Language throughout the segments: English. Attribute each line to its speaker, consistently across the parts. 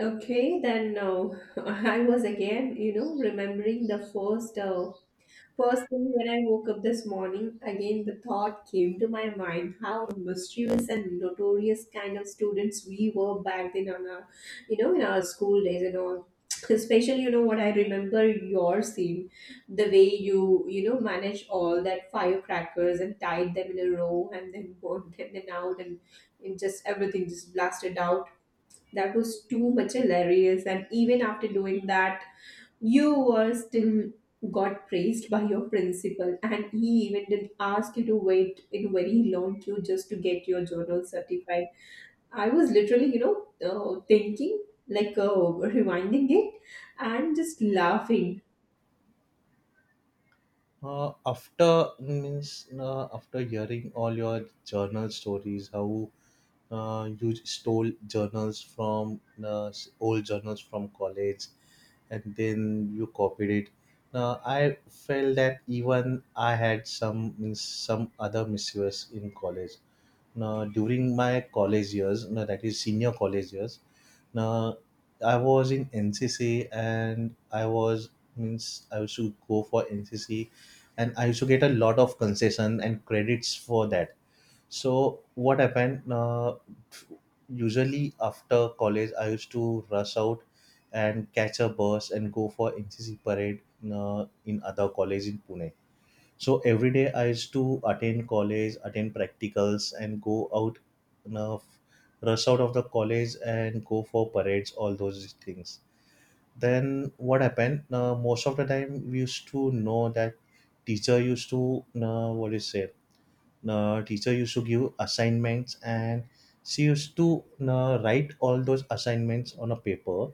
Speaker 1: Okay, then I was, again, you know, remembering the first thing when I woke up this morning. Again, the thought came to my mind how mischievous and notorious kind of students we were back then on in our school days and all. Especially, what I remember, your scene, the way you managed all that firecrackers and tied them in a row and then burned them out, and it just, everything just blasted out. That was too much hilarious. And even after doing that, you were still got praised by your principal, and he even did ask you to wait in very long queue just to get your journal certified. I was literally, thinking, like, rewinding it and just laughing.
Speaker 2: After hearing all your journal stories, how you stole journals from old journals from college and then you copied it, now I felt that even I had some means some other misuse in college. Now during my college years, now that is senior college years, now I was in NCC, and I was means I used to go for NCC, and I used to get a lot of concession and credits for that. So what happened? Usually after college, I used to rush out and catch a bus and go for NCC parade in other college in Pune. So every day I used to attend college, attend practicals, and go out, you know, f- rush out of the college and go for parades, all those things. Then what happened? Most of the time we used to know that teacher used to what do you say? The teacher used to give assignments, and she used to write all those assignments on a paper,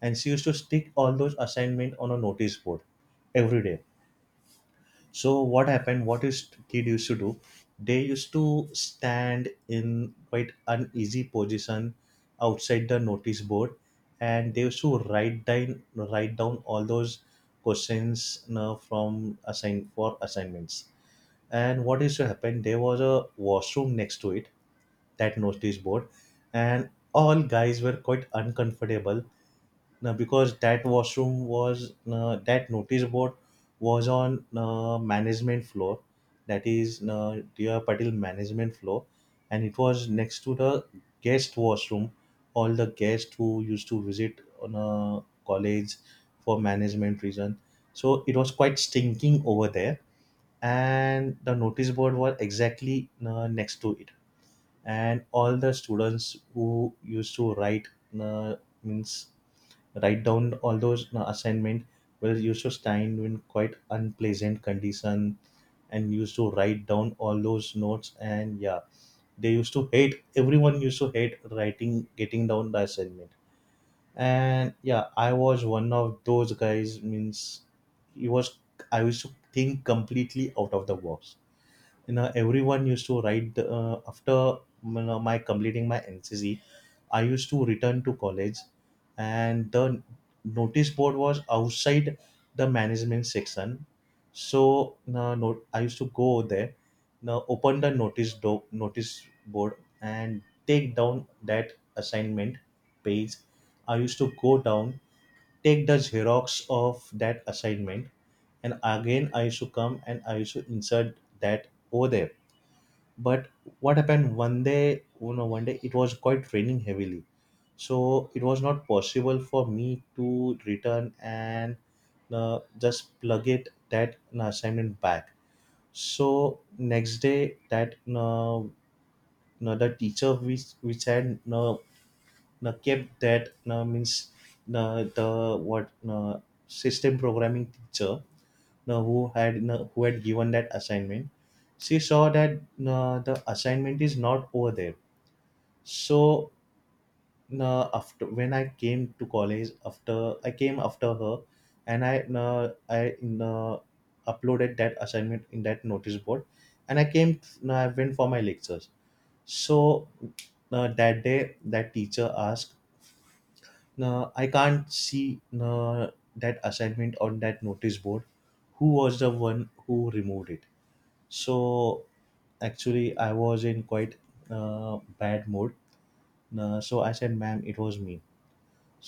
Speaker 2: and she used to stick all those assignments on a notice board every day. So what happened, what is kid used to do, they used to stand in quite uneasy position outside the notice board, and they used to write down, all those questions, you know, from assign, for assignments. And what is to happen? There was a washroom next to it, that notice board, and all guys were quite uncomfortable now because that washroom was that notice board was on management floor, that is Diya Patil management floor, and it was next to the guest washroom. All the guests who used to visit on a college for management reason, so it was quite stinking over there, and the notice board was exactly next to it, and all the students who used to write uh, means write down all those assignment were used to stand in quite unpleasant condition and used to write down all those notes. And yeah, they used to hate, everyone used to hate writing, getting down the assignment. And yeah, I was one of those guys, means he was I used to think completely out of the box. You know, everyone used to write after, you know, my completing my NCC, I used to return to college, and the notice board was outside the management section. So no, no I used to go there, now open the notice board and take down that assignment page. I used to go down, take the Xerox of that assignment, and again I used to come and I used to insert that over there. But what happened, one day, you know, one day it was quite raining heavily, so it was not possible for me to return and just plug it, that, you know, assignment back. So next day, that no, the teacher, which had no no kept that no means no the what no system programming teacher, know, who had, you know, who had given that assignment, she saw that the assignment is not over there. So after, when I came to college, after I came after her, and I uh, uploaded that assignment in that notice board, and I came, I went for my lectures. So that day that teacher asked, "I can't see that assignment on that notice board. Who was the one who removed it?" So actually, I was in quite bad mood. So I said, "Ma'am, it was me."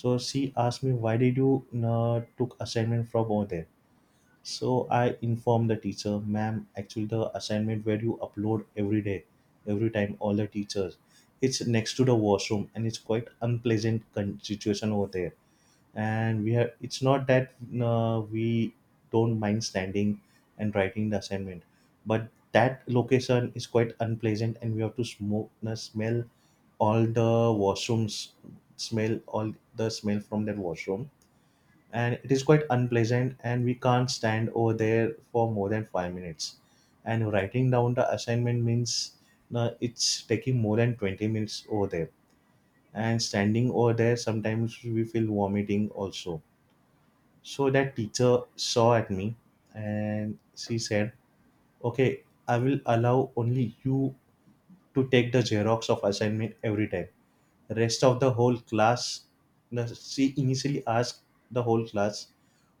Speaker 2: So she asked me, "Why did you took assignment from over there?" So I informed the teacher, "Ma'am, actually the assignment where you upload every day, every time, all the teachers, it's next to the washroom, and it's quite unpleasant situation over there. And we have, it's not that we don't mind standing and writing the assignment, but that location is quite unpleasant, and we have to smoke, smell all the washrooms, smell all the smell from that washroom, and it is quite unpleasant, and we can't stand over there for more than 5 minutes and writing down the assignment, means it's taking more than 20 minutes over there, and standing over there sometimes we feel vomiting also." So that teacher saw at me and she said, "Okay, I will allow only you to take the Xerox of assignment every time. Rest of the whole class," no, she initially asked the whole class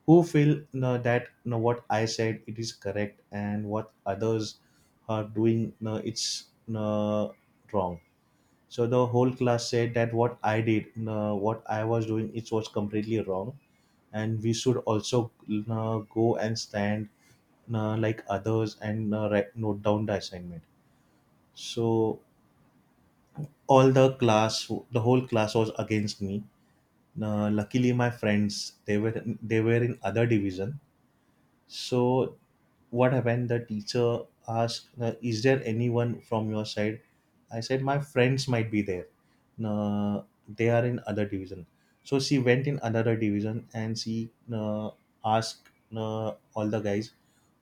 Speaker 2: who feel, no, that, no, what I said it is correct, and what others are doing, no, it's, no, wrong. So the whole class said that what I did, no, what I was doing, it was completely wrong, and we should also go and stand like others, and write, note down the assignment. So all the class, the whole class was against me. Luckily, my friends, they were in other division. So what happened, the teacher asked, "Is there anyone from your side?" I said, "My friends might be there, uh, they are in other division." So she went in another division, and she asked all the guys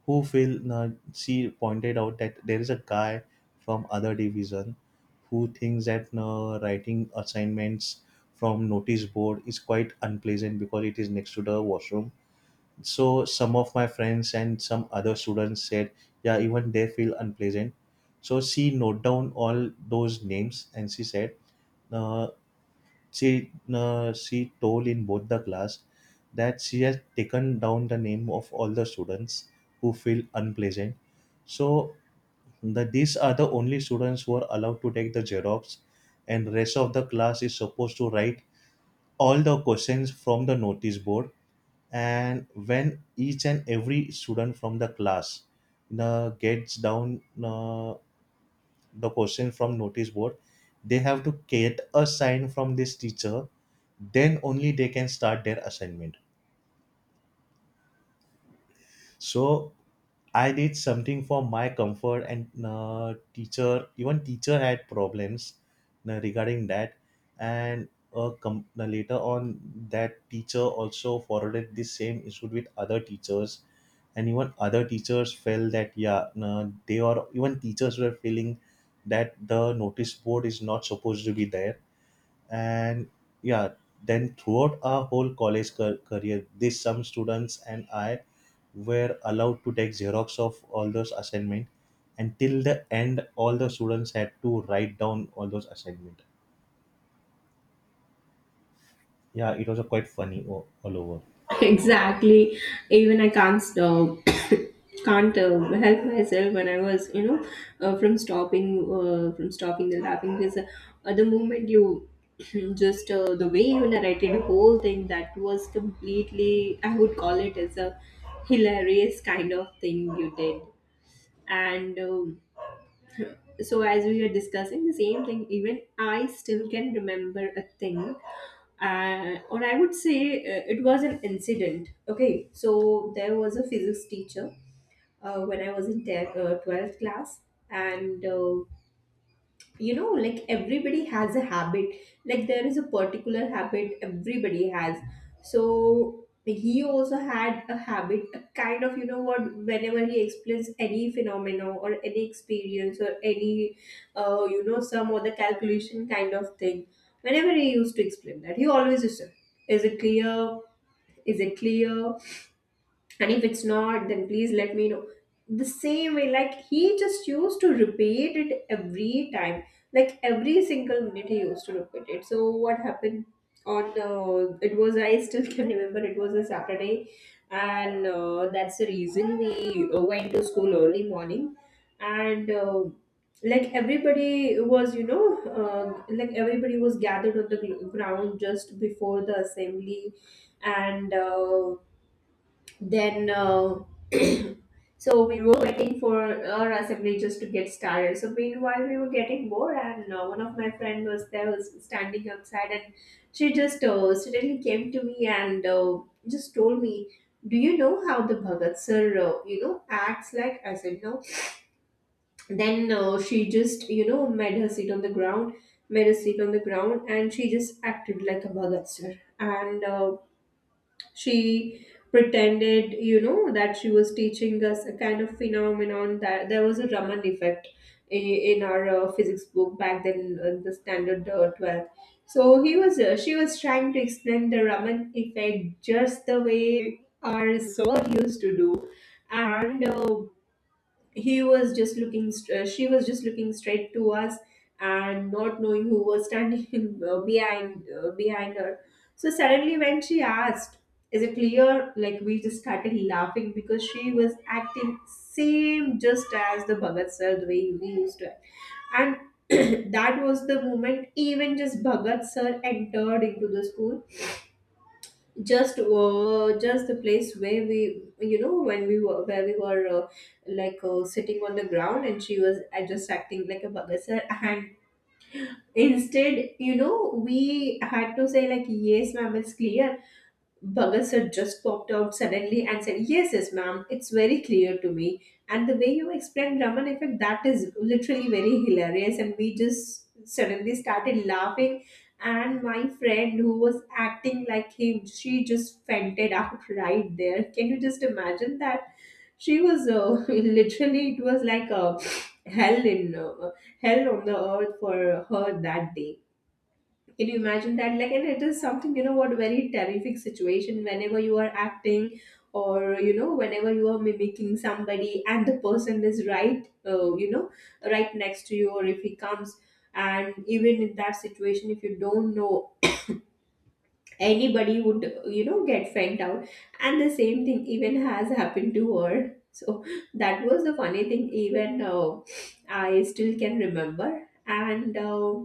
Speaker 2: who Phil Nancy pointed out that there is a guy from other division who thinks that writing assignments from notice board is quite unpleasant because it is next to the washroom. So some of my friends and some other students said, yeah, even they feel unpleasant. So she note down all those names, and she said, uh, she told in both the class that she has taken down the name of all the students who feel unpleasant. So the, these are the only students who are allowed to take the Xerox, and rest of the class is supposed to write all the questions from the notice board. And when each and every student from the class gets down the question from notice board, they have to get a sign from this teacher, then only they can start their assignment. So I did something for my comfort, and teacher, even teacher had problems regarding that. And later on, that teacher also forwarded this same issue with other teachers, and even other teachers felt that, yeah, they are even teachers were feeling that the notice board is not supposed to be there. And yeah, then throughout our whole career, this some students and I were allowed to take Xerox of all those assignment, and till the end, all the students had to write down all those assignment. Yeah, it was a quite funny all over.
Speaker 1: Exactly, even I can't stop. Can't help myself when I was, you know, from stopping the laughing because the moment you just, the way you narrated the whole thing, that was completely, I would call it as a hilarious kind of thing you did. And so as we were discussing the same thing, even I still can remember a thing, or I would say, it was an incident. Okay, so there was a physics teacher when I was in 12th class. And you know, like, everybody has a habit. Like, there is a particular habit everybody has. So he also had a habit, a kind of, you know what, whenever he explains any phenomena or any experience or any you know, some other calculation kind of thing, whenever he used to explain that, he always used to, is it clear, is it clear, and if it's not, then please let me know. The same way, like, he just used to repeat it every time. Like, every single minute he used to repeat it. So what happened? On, it was, I still can remember, it was a Saturday. And that's the reason we went to school early morning. And like, everybody was, you know, like, everybody was gathered on the ground just before the assembly. And then, so we were waiting for our assembly just to get started. So meanwhile we were getting bored, and one of my friend was there, was standing outside, and she just suddenly came to me and just told me, do you know how the Bhagat sir, you know, acts? Like, I said no. Then she just, you know, made her seat on the ground, made a seat on the ground, and she just acted like a Bhagat sir. And she pretended, you know, that she was teaching us a kind of phenomenon, that there was a Raman effect in, our physics book back then, the standard, 12. So he was, she was trying to explain the Raman effect just the way our soul used to do. And he was just she was just looking straight to us, and not knowing who was standing behind her. So suddenly when she asked, is it clear, like, we just started laughing because she was acting same just as the Bhagat sir, the way we used to act. And that was the moment even just Bhagat sir entered into the school, just the place where we, you know, when we were where we were, like, sitting on the ground and she was, just acting like a Bugger sir, and instead, you know, we had to say like, yes ma'am, it's clear. Bhagat sir just popped out suddenly and said, yes, yes, ma'am, it's very clear to me. And the way you explained Raman effect, that is literally very hilarious. And we just suddenly started laughing. And my friend who was acting like him, she just fainted out right there. Can you just imagine that? She was literally, it was like a hell in hell on the earth for her that day. Can you imagine that? Like, and it is something, you know, what, very terrific situation whenever you are acting or, you know, whenever you are mimicking somebody and the person is right, you know, right next to you, or if he comes. And even in that situation, if you don't know, anybody would, you know, get fed out. And the same thing even has happened to her. So that was the funny thing, even, I still can remember. And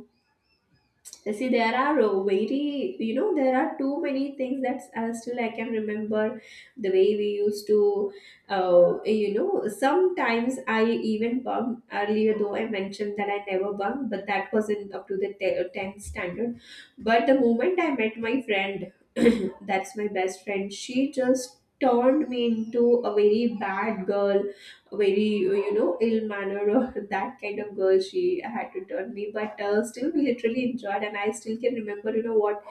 Speaker 1: see, there are, very, you know, there are too many things that, still I can remember, the way we used to, you know, sometimes I even bumped earlier, though I mentioned that I never bumped, but that wasn't up to the 10th standard. But the moment I met my friend, that's my best friend, she just turned me into a very bad girl, very, you know, ill manner or that kind of girl she had to turn me. But still, we literally enjoyed, and I still can remember, you know what,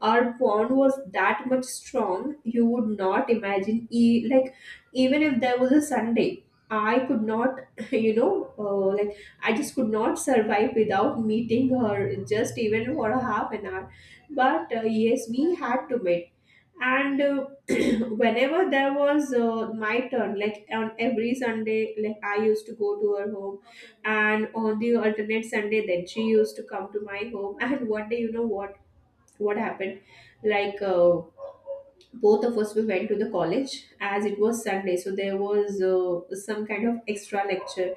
Speaker 1: our bond was that much strong, you would not imagine. Like, even if there was a Sunday, I could not, you know, like, I just could not survive without meeting her, just even for a half an hour. But yes, we had to meet. And whenever there was, my turn, like on every Sunday, like, I used to go to her home, and on the alternate Sunday, then she used to come to my home. And one day, you know what happened? Like, both of us, we went to the college as it was Sunday. So there was some kind of extra lecture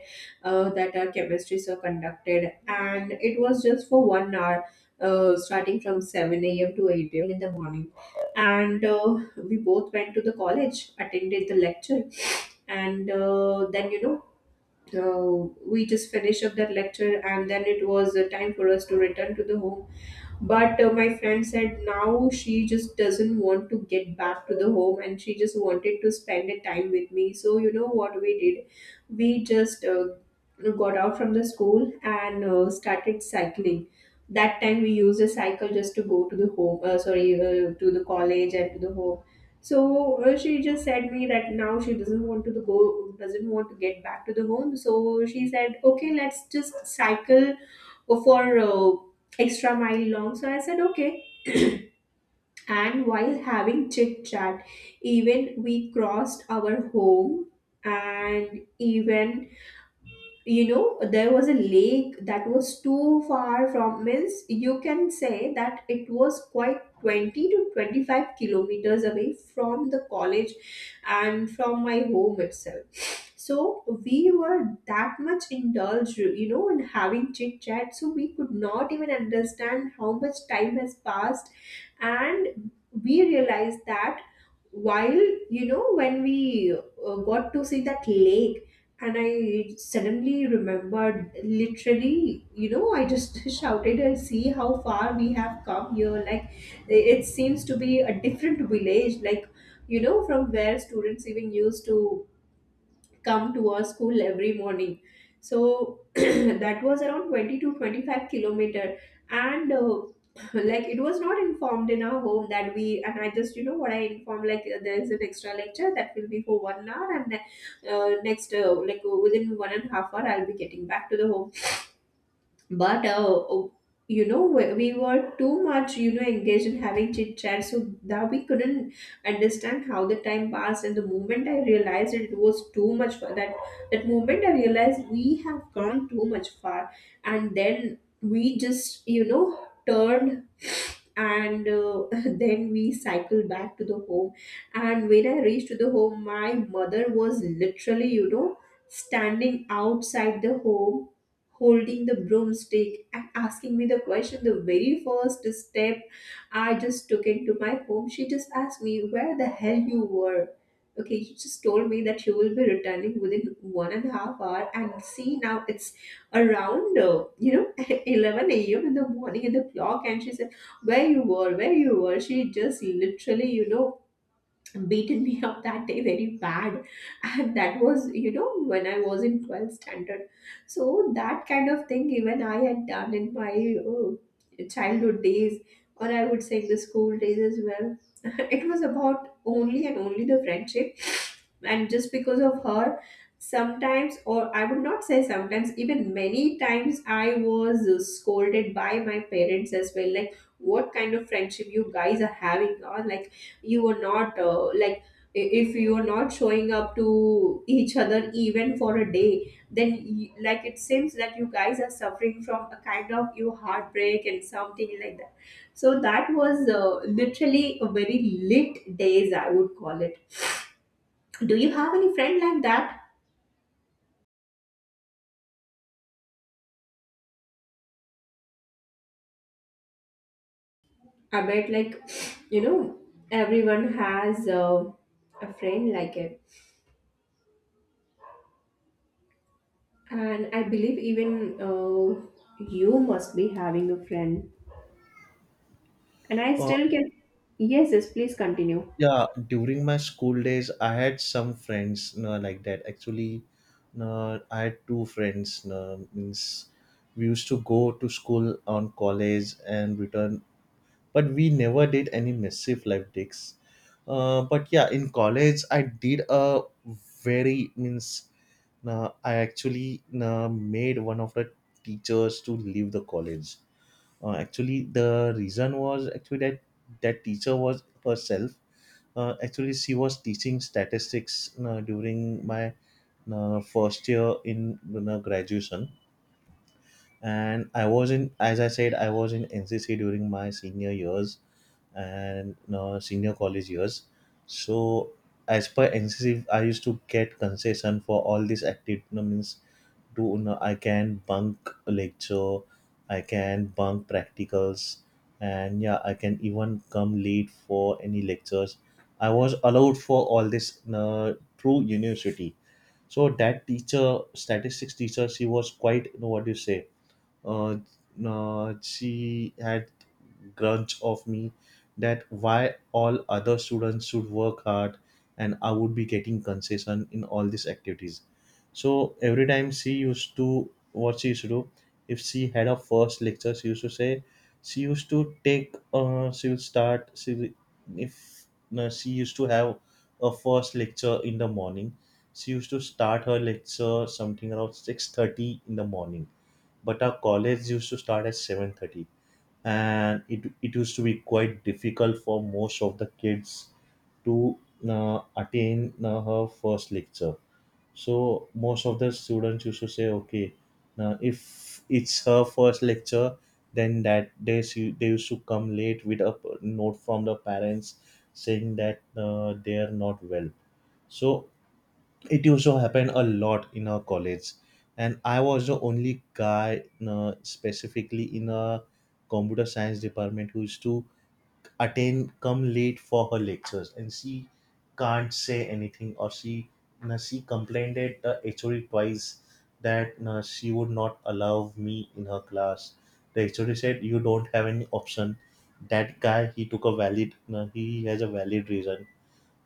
Speaker 1: that our chemistry sir conducted, and it was just for 1 hour, starting from 7 a.m. to 8 a.m. in the morning. And we both went to the college, attended the lecture. And then, you know, we just finished up that lecture, and then it was time for us to return to the home. But my friend said now she just doesn't want to get back to the home, and she just wanted to spend a time with me. So you know what we did? We just got out from the school and started cycling. That time we used a cycle just to go to the home, to the college, and to the home. So she just said me that now she doesn't want to go, doesn't want to get back to the home. So she said, okay, let's just cycle for, extra mile long. So I said, okay. And while having chit chat, even we crossed our home. And even, you know, there was a lake that was too far from, means, you can say that it was quite 20 to 25 kilometers away from the college and from my home itself. So we were that much indulged, you know, in having chit chat, so we could not even understand how much time has passed. And we realized that, while, you know, when we got to see that lake, and I suddenly remembered, literally, you know, I just shouted, and see how far we have come here. Like, it seems to be a different village, like, you know, from where students even used to come to our school every morning. So that was around 20 to 25 kilometer. And like, it was not informed in our home that we and I just, you know what, I informed, like, there is an extra lecture that will be for 1 hour, and next like, within 1.5 hour, I'll be getting back to the home. But oh, you know, we were too much, you know, engaged in having chit chat, so that we couldn't understand how the time passed. And the moment I realized, it was too much for that, that moment I realized we have gone too much far. And then we just, you know, turned, and then we cycled back to the home. And when I reached to the home, my mother was literally, you know, standing outside the home, holding the broomstick, and asking me the question. The very first step I just took into my home, she just asked me, where the hell you were? Okay, she just told me that she will be returning within 1.5 hour, and see, now it's around, you know, 11 a.m in the morning in the clock. And she said, where you were? Where you were? She just literally, you know, beaten me up that day very bad. And that was, you know, when I was in 12th standard. So that kind of thing even I had done in my, uh, childhood days, or I would say the school days as well. It was about only and only the friendship. And just because of her, sometimes, or I would not say sometimes, even many times I was scolded by my parents as well, like, what kind of friendship you guys are having, or like, you were not, like, I- if you are not showing up to each other even for a day, then, like, it seems that you guys are suffering from a kind of, you, heartbreak and something like that. So that was, literally a very lit days, I would call it. Do you have any friend like that? I bet, like, you know, everyone has a friend like it. And I believe, even, you must be having a friend. And I
Speaker 2: uh,
Speaker 1: still can. Yes, yes, please continue.
Speaker 2: yeah, during my school days, I had some friends you like that, actually. No, I had two friends you, means we used to go to school on college and return, but we never did any massive live digs. But yeah, in college, I did a very means I actually made one of the teachers to leave the college. Actually, the reason was actually that that teacher was herself. Actually, she was teaching statistics during my first year in, you know, graduation. And I was in, as I said, I was in NCC during my senior years, and senior college years. So as per NCC, I used to get concession for all these activities. Means Do you know, I can bunk a lecture, I can bunk practicals, and yeah, I can even come late for any lectures. I was allowed for all this through university. So that teacher, statistics teacher, she was quite, you know, what do you say, uh, she had grudge of me that why all other students should work hard and I would be getting concession in all these activities. So every time she used to, what she used to do, if she had a first lecture, she used to say, she used to take, she would start she will- if no, she used to have a first lecture in the morning, she used to start her lecture something around 6:30 in the morning, but our college used to start at 7:30. And it used to be quite difficult for most of the kids to attain her first lecture. So most of the students used to say, okay, now if it's her first lecture, then that they used to come late with a note from the parents saying that they are not well. So it used to happen a lot in our college, and I was the only guy specifically in a computer science department who used to attend come late for her lectures, and she can't say anything. Or she complained at the HOD twice that she would not allow me in her class. The HOD said, "You don't have any option. That guy, he took a valid he has a valid reason.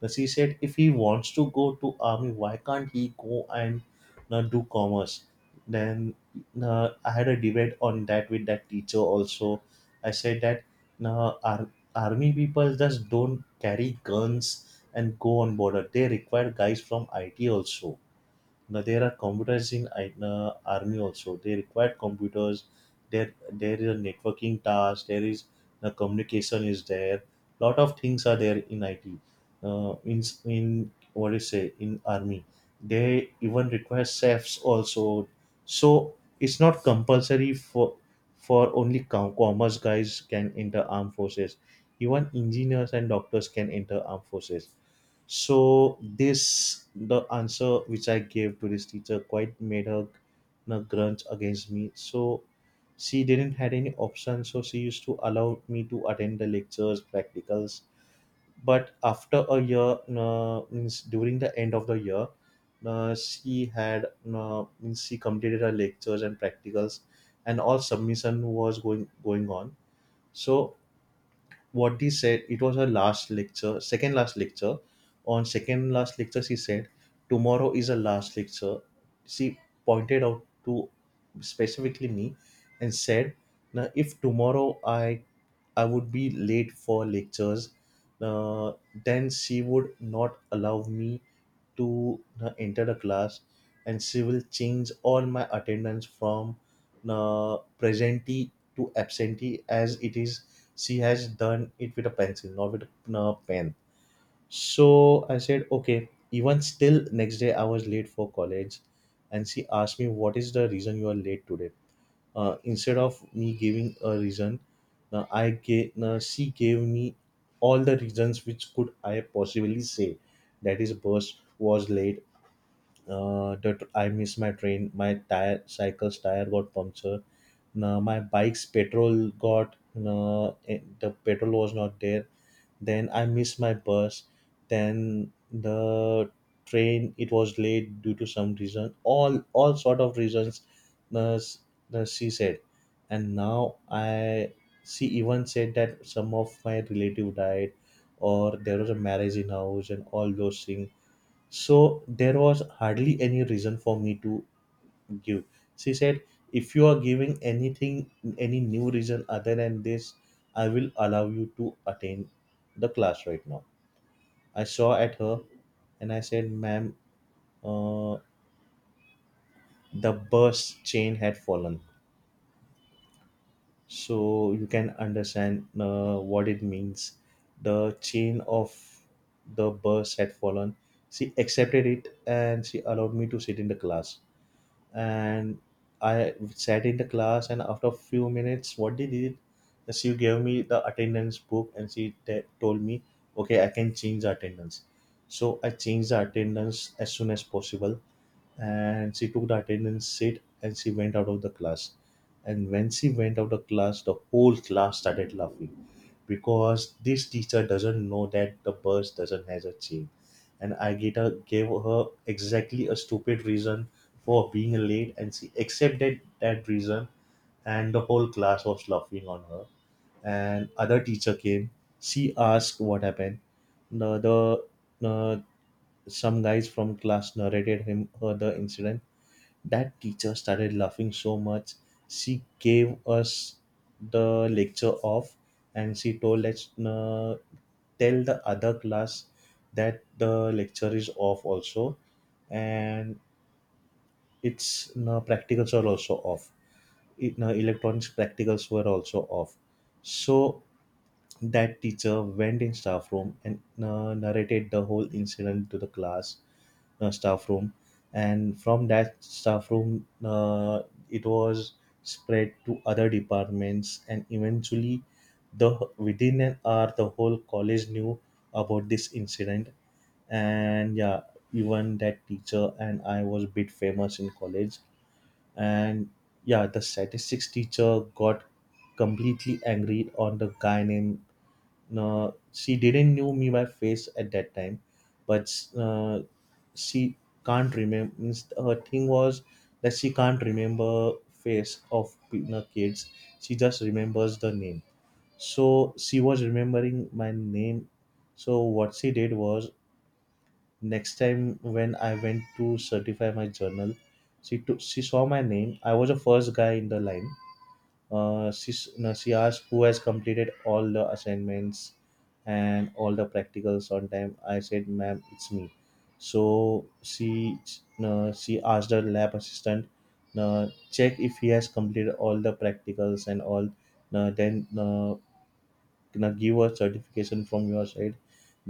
Speaker 2: Plus, he said if he wants to go to army, why can't he go and do commerce? Then I had a debate on that with that teacher also. I said that uh, ar- army people just don't carry guns and go on border. They require guys from IT also. Now there are computers in army also. They require computers. There is a networking task. There is the communication is there. Lot of things are there in IT. In in what do you say in army, they even require chefs also. So it's not compulsory for only commerce guys can enter armed forces. Even engineers and doctors can enter armed forces. So this the answer which I gave to this teacher quite made her grunge against me. So she didn't had any option. So she used to allow me to attend the lectures, practicals. But after a year, means during the end of the year, she had means she completed her lectures and practicals, and all submission was going on. So what he said, it was her last lecture, second last lecture. On second last lecture, she said tomorrow is a last lecture. She pointed out to specifically me and said, now if tomorrow I would be late for lectures, uh, then she would not allow me to enter the class, and she will change all my attendance from na presentee to absentee. As it is, she has done it with a pencil, not with a pen. So I said, okay. Even still, next day I was late for college, and she asked me, what is the reason you are late today? Instead of me giving a reason, now she gave me all the reasons which could I possibly say. That is, bus was late, that I missed my train. My tire, cycle's tire got punctured. Now my bike's petrol got, no, the petrol was not there. Then I missed my bus. Then the train, it was late due to some reason. All sort of reasons. Uh, s- she said, and now I, she even said that some of my relative died, or there was a marriage in house and all those things. So there was hardly any reason for me to give. She said, if you are giving anything, any new reason other than this, I will allow you to attend the class right now. I saw at her and I said, ma'am, uh, the bus chain had fallen. So you can understand what it means. The chain of the bus had fallen. She accepted it and she allowed me to sit in the class. And I sat in the class. And after a few minutes, what they did, she gave me the attendance book and she told me, okay, I can change the attendance. So I changed the attendance as soon as possible, and she took the attendance sheet and she went out of the class. And when she went out of the class, the whole class started laughing, because this teacher doesn't know that the bus doesn't has a chain, and I gave her exactly a stupid reason for being late, and she accepted that reason, and the whole class was laughing on her. And other teacher came, she asked what happened. The, the Some guys from class narrated him her the incident. That teacher started laughing so much, she gave us the lecture off, and she told us, tell the other class that the lecture is off also, and practicals are also off. Electronics practicals were also off. So that teacher went in staff room and narrated the whole incident to the class, staff room, and from that staff room, it was spread to other departments, and eventually, the within an hour, the whole college knew about this incident. And yeah, even that teacher and I was a bit famous in college. And yeah, the statistics teacher got completely angry on the guy named, she didn't knew me by face at that time. But uh, she can't remember, her thing was that she can't remember face of kids. She just remembers the name. So she was remembering my name. So what she did was, next time when I went to certify my journal, she saw my name. I was the first guy in the line. No, she asked, who has completed all the assignments and all the practicals on time? I said, "Ma'am, it's me." So she, no, she asked her lab assistant, no, check if he has completed all the practicals and all. No, then no, not give a certification from your side,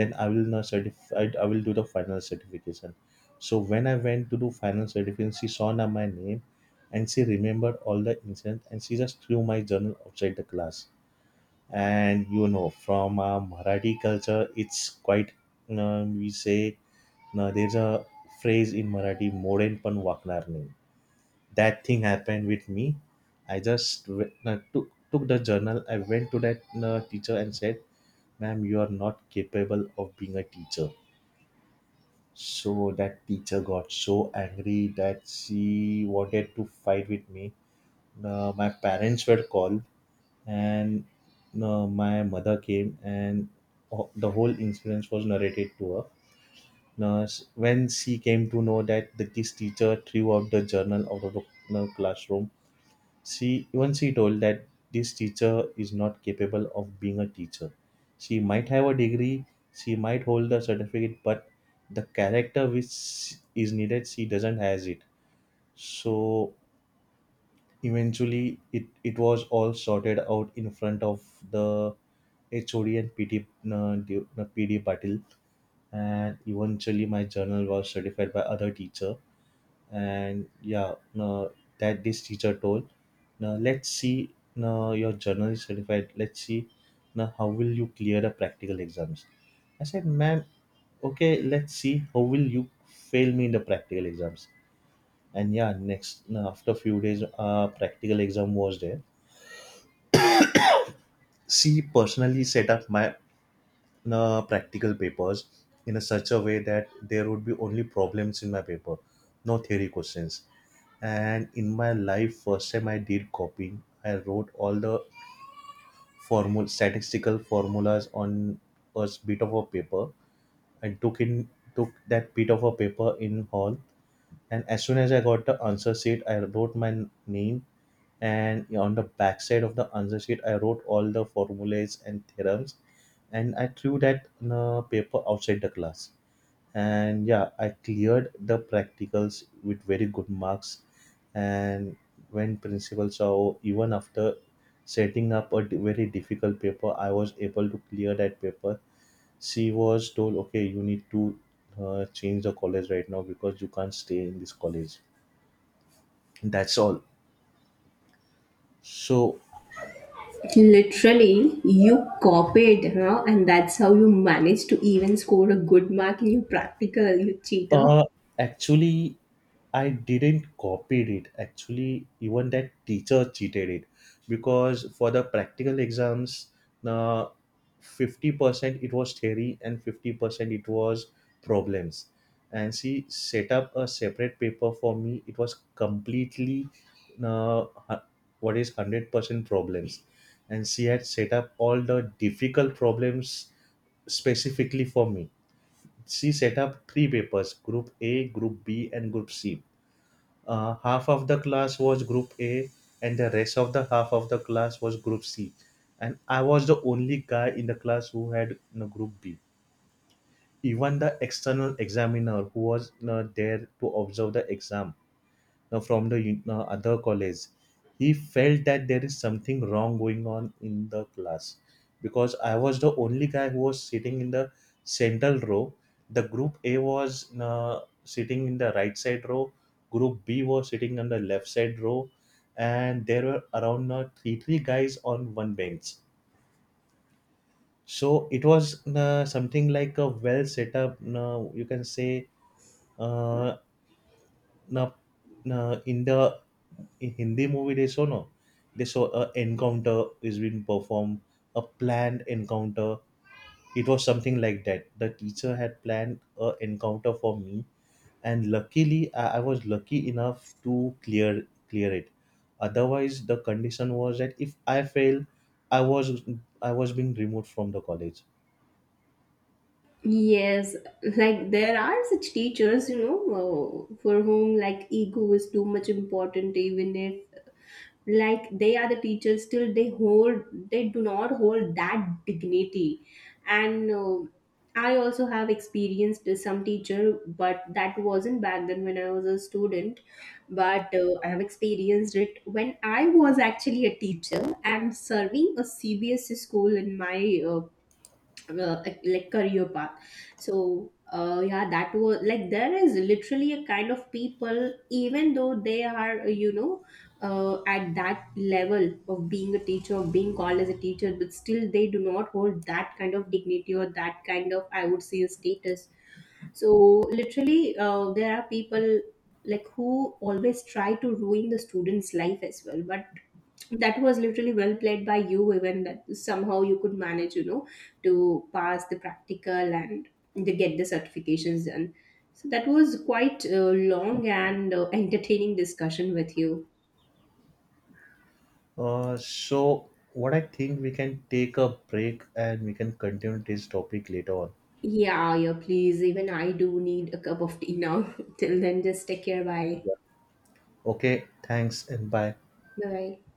Speaker 2: then I will not certify, I will do the final certification. So when I went to do final certification, she saw now my name, and she remembered all the incident, and she just threw my journal outside the class. And you know, from Marathi culture, it's quite we say, there's a phrase in Marathi, moren pan vaknar nahi. That thing happened with me. I just took the journal. I went to that teacher and said, ma'am, you are not capable of being a teacher. So that teacher got so angry that she wanted to fight with me. My parents were called, and my mother came, and the whole incident was narrated to her. Now, s- when she came to know that the this teacher threw out the journal out of the classroom, she told that this teacher is not capable of being a teacher. She might have a degree, she might hold a certificate, but the character which is needed, she doesn't has it. So eventually, it was all sorted out in front of the HOD and PD PD Patil, and eventually my journal was certified by other teacher. And yeah, no, that this teacher told, now let's see, now your journal is certified, let's see now how will you clear the practical exams. I said, ma'am, okay, let's see how will you fail me in the practical exams. And yeah, next now after few days practical exam was there. She personally set up my practical papers in a such a way that there would be only problems in my paper, no theory questions. And in my life first time I did copying, I wrote all the formula, statistical formulas on a bit of a paper. I took in Took that bit of a paper in hall, and as soon as I got the answer sheet, I wrote my name, and on the back side of the answer sheet I wrote all the formulas and theorems, and I threw that in a paper outside the class. And yeah, I cleared the practicals with very good marks. And when principal saw, even after setting up a very difficult paper I was able to clear that paper, she was told, okay, you need to change the college right now because you can't stay in this college. That's all. So
Speaker 1: Literally, you copied, huh? And that's how you managed to even score a good mark in your practical, you cheater.
Speaker 2: Uh, actually, I didn't copied it. Actually, even that teacher cheated it, because for the practical exams, uh, 50% it was theory and 50% it was problems. And she set up a separate paper for me. It was completely uh, hu- what is 100% problems. And she had set up all the difficult problems specifically for me. She set up three papers, Group A, Group B, and Group C. Half of the class was Group A, and the rest of the half of the class was Group C. And I was the only guy in the class who had Group B. Even the external examiner who was there to observe the exam other college, he felt that there is something wrong going on in the class, because I was the only guy who was sitting in the central row. The Group A was sitting in the right side row, Group B was sitting on the left side row, and there were around three guys on one bench. So it was something like a well set up, you can say. uh, now, now in the in Hindi movie they show, no, they show a encounter is being performed, a planned encounter. It was something like that. The teacher had planned a encounter for me, and luckily I was lucky enough to clear it. Otherwise, the condition was that if I fail, I was I was being removed from the college.
Speaker 1: Yes, like, there are such teachers, you know, for whom, like, ego is too much important, even if, like, they are the teachers, still they hold, they do not hold that dignity. And I also have experienced some teacher, but that wasn't back then when I was a student. But I have experienced it when I was actually a teacher and serving a CBSC school in my uh, like, career path. So yeah, that was like, there is literally a kind of people, even though they are, you know, at that level of being a teacher, of being called as a teacher, but still they do not hold that kind of dignity, or that kind of, I would say, status. So, literally, there are people, like, who always try to ruin the students life as well, but that was literally well played by you, even that somehow you could manage, you know, to pass the practical and to get the certifications done. So that was quite a long and entertaining discussion with you.
Speaker 2: So what I think, we can take a break and we can continue this topic later on.
Speaker 1: Yeah, yeah, please, even I do need a cup of tea now. Till then, just take care, bye.
Speaker 2: Okay, thanks and bye.
Speaker 1: Bye.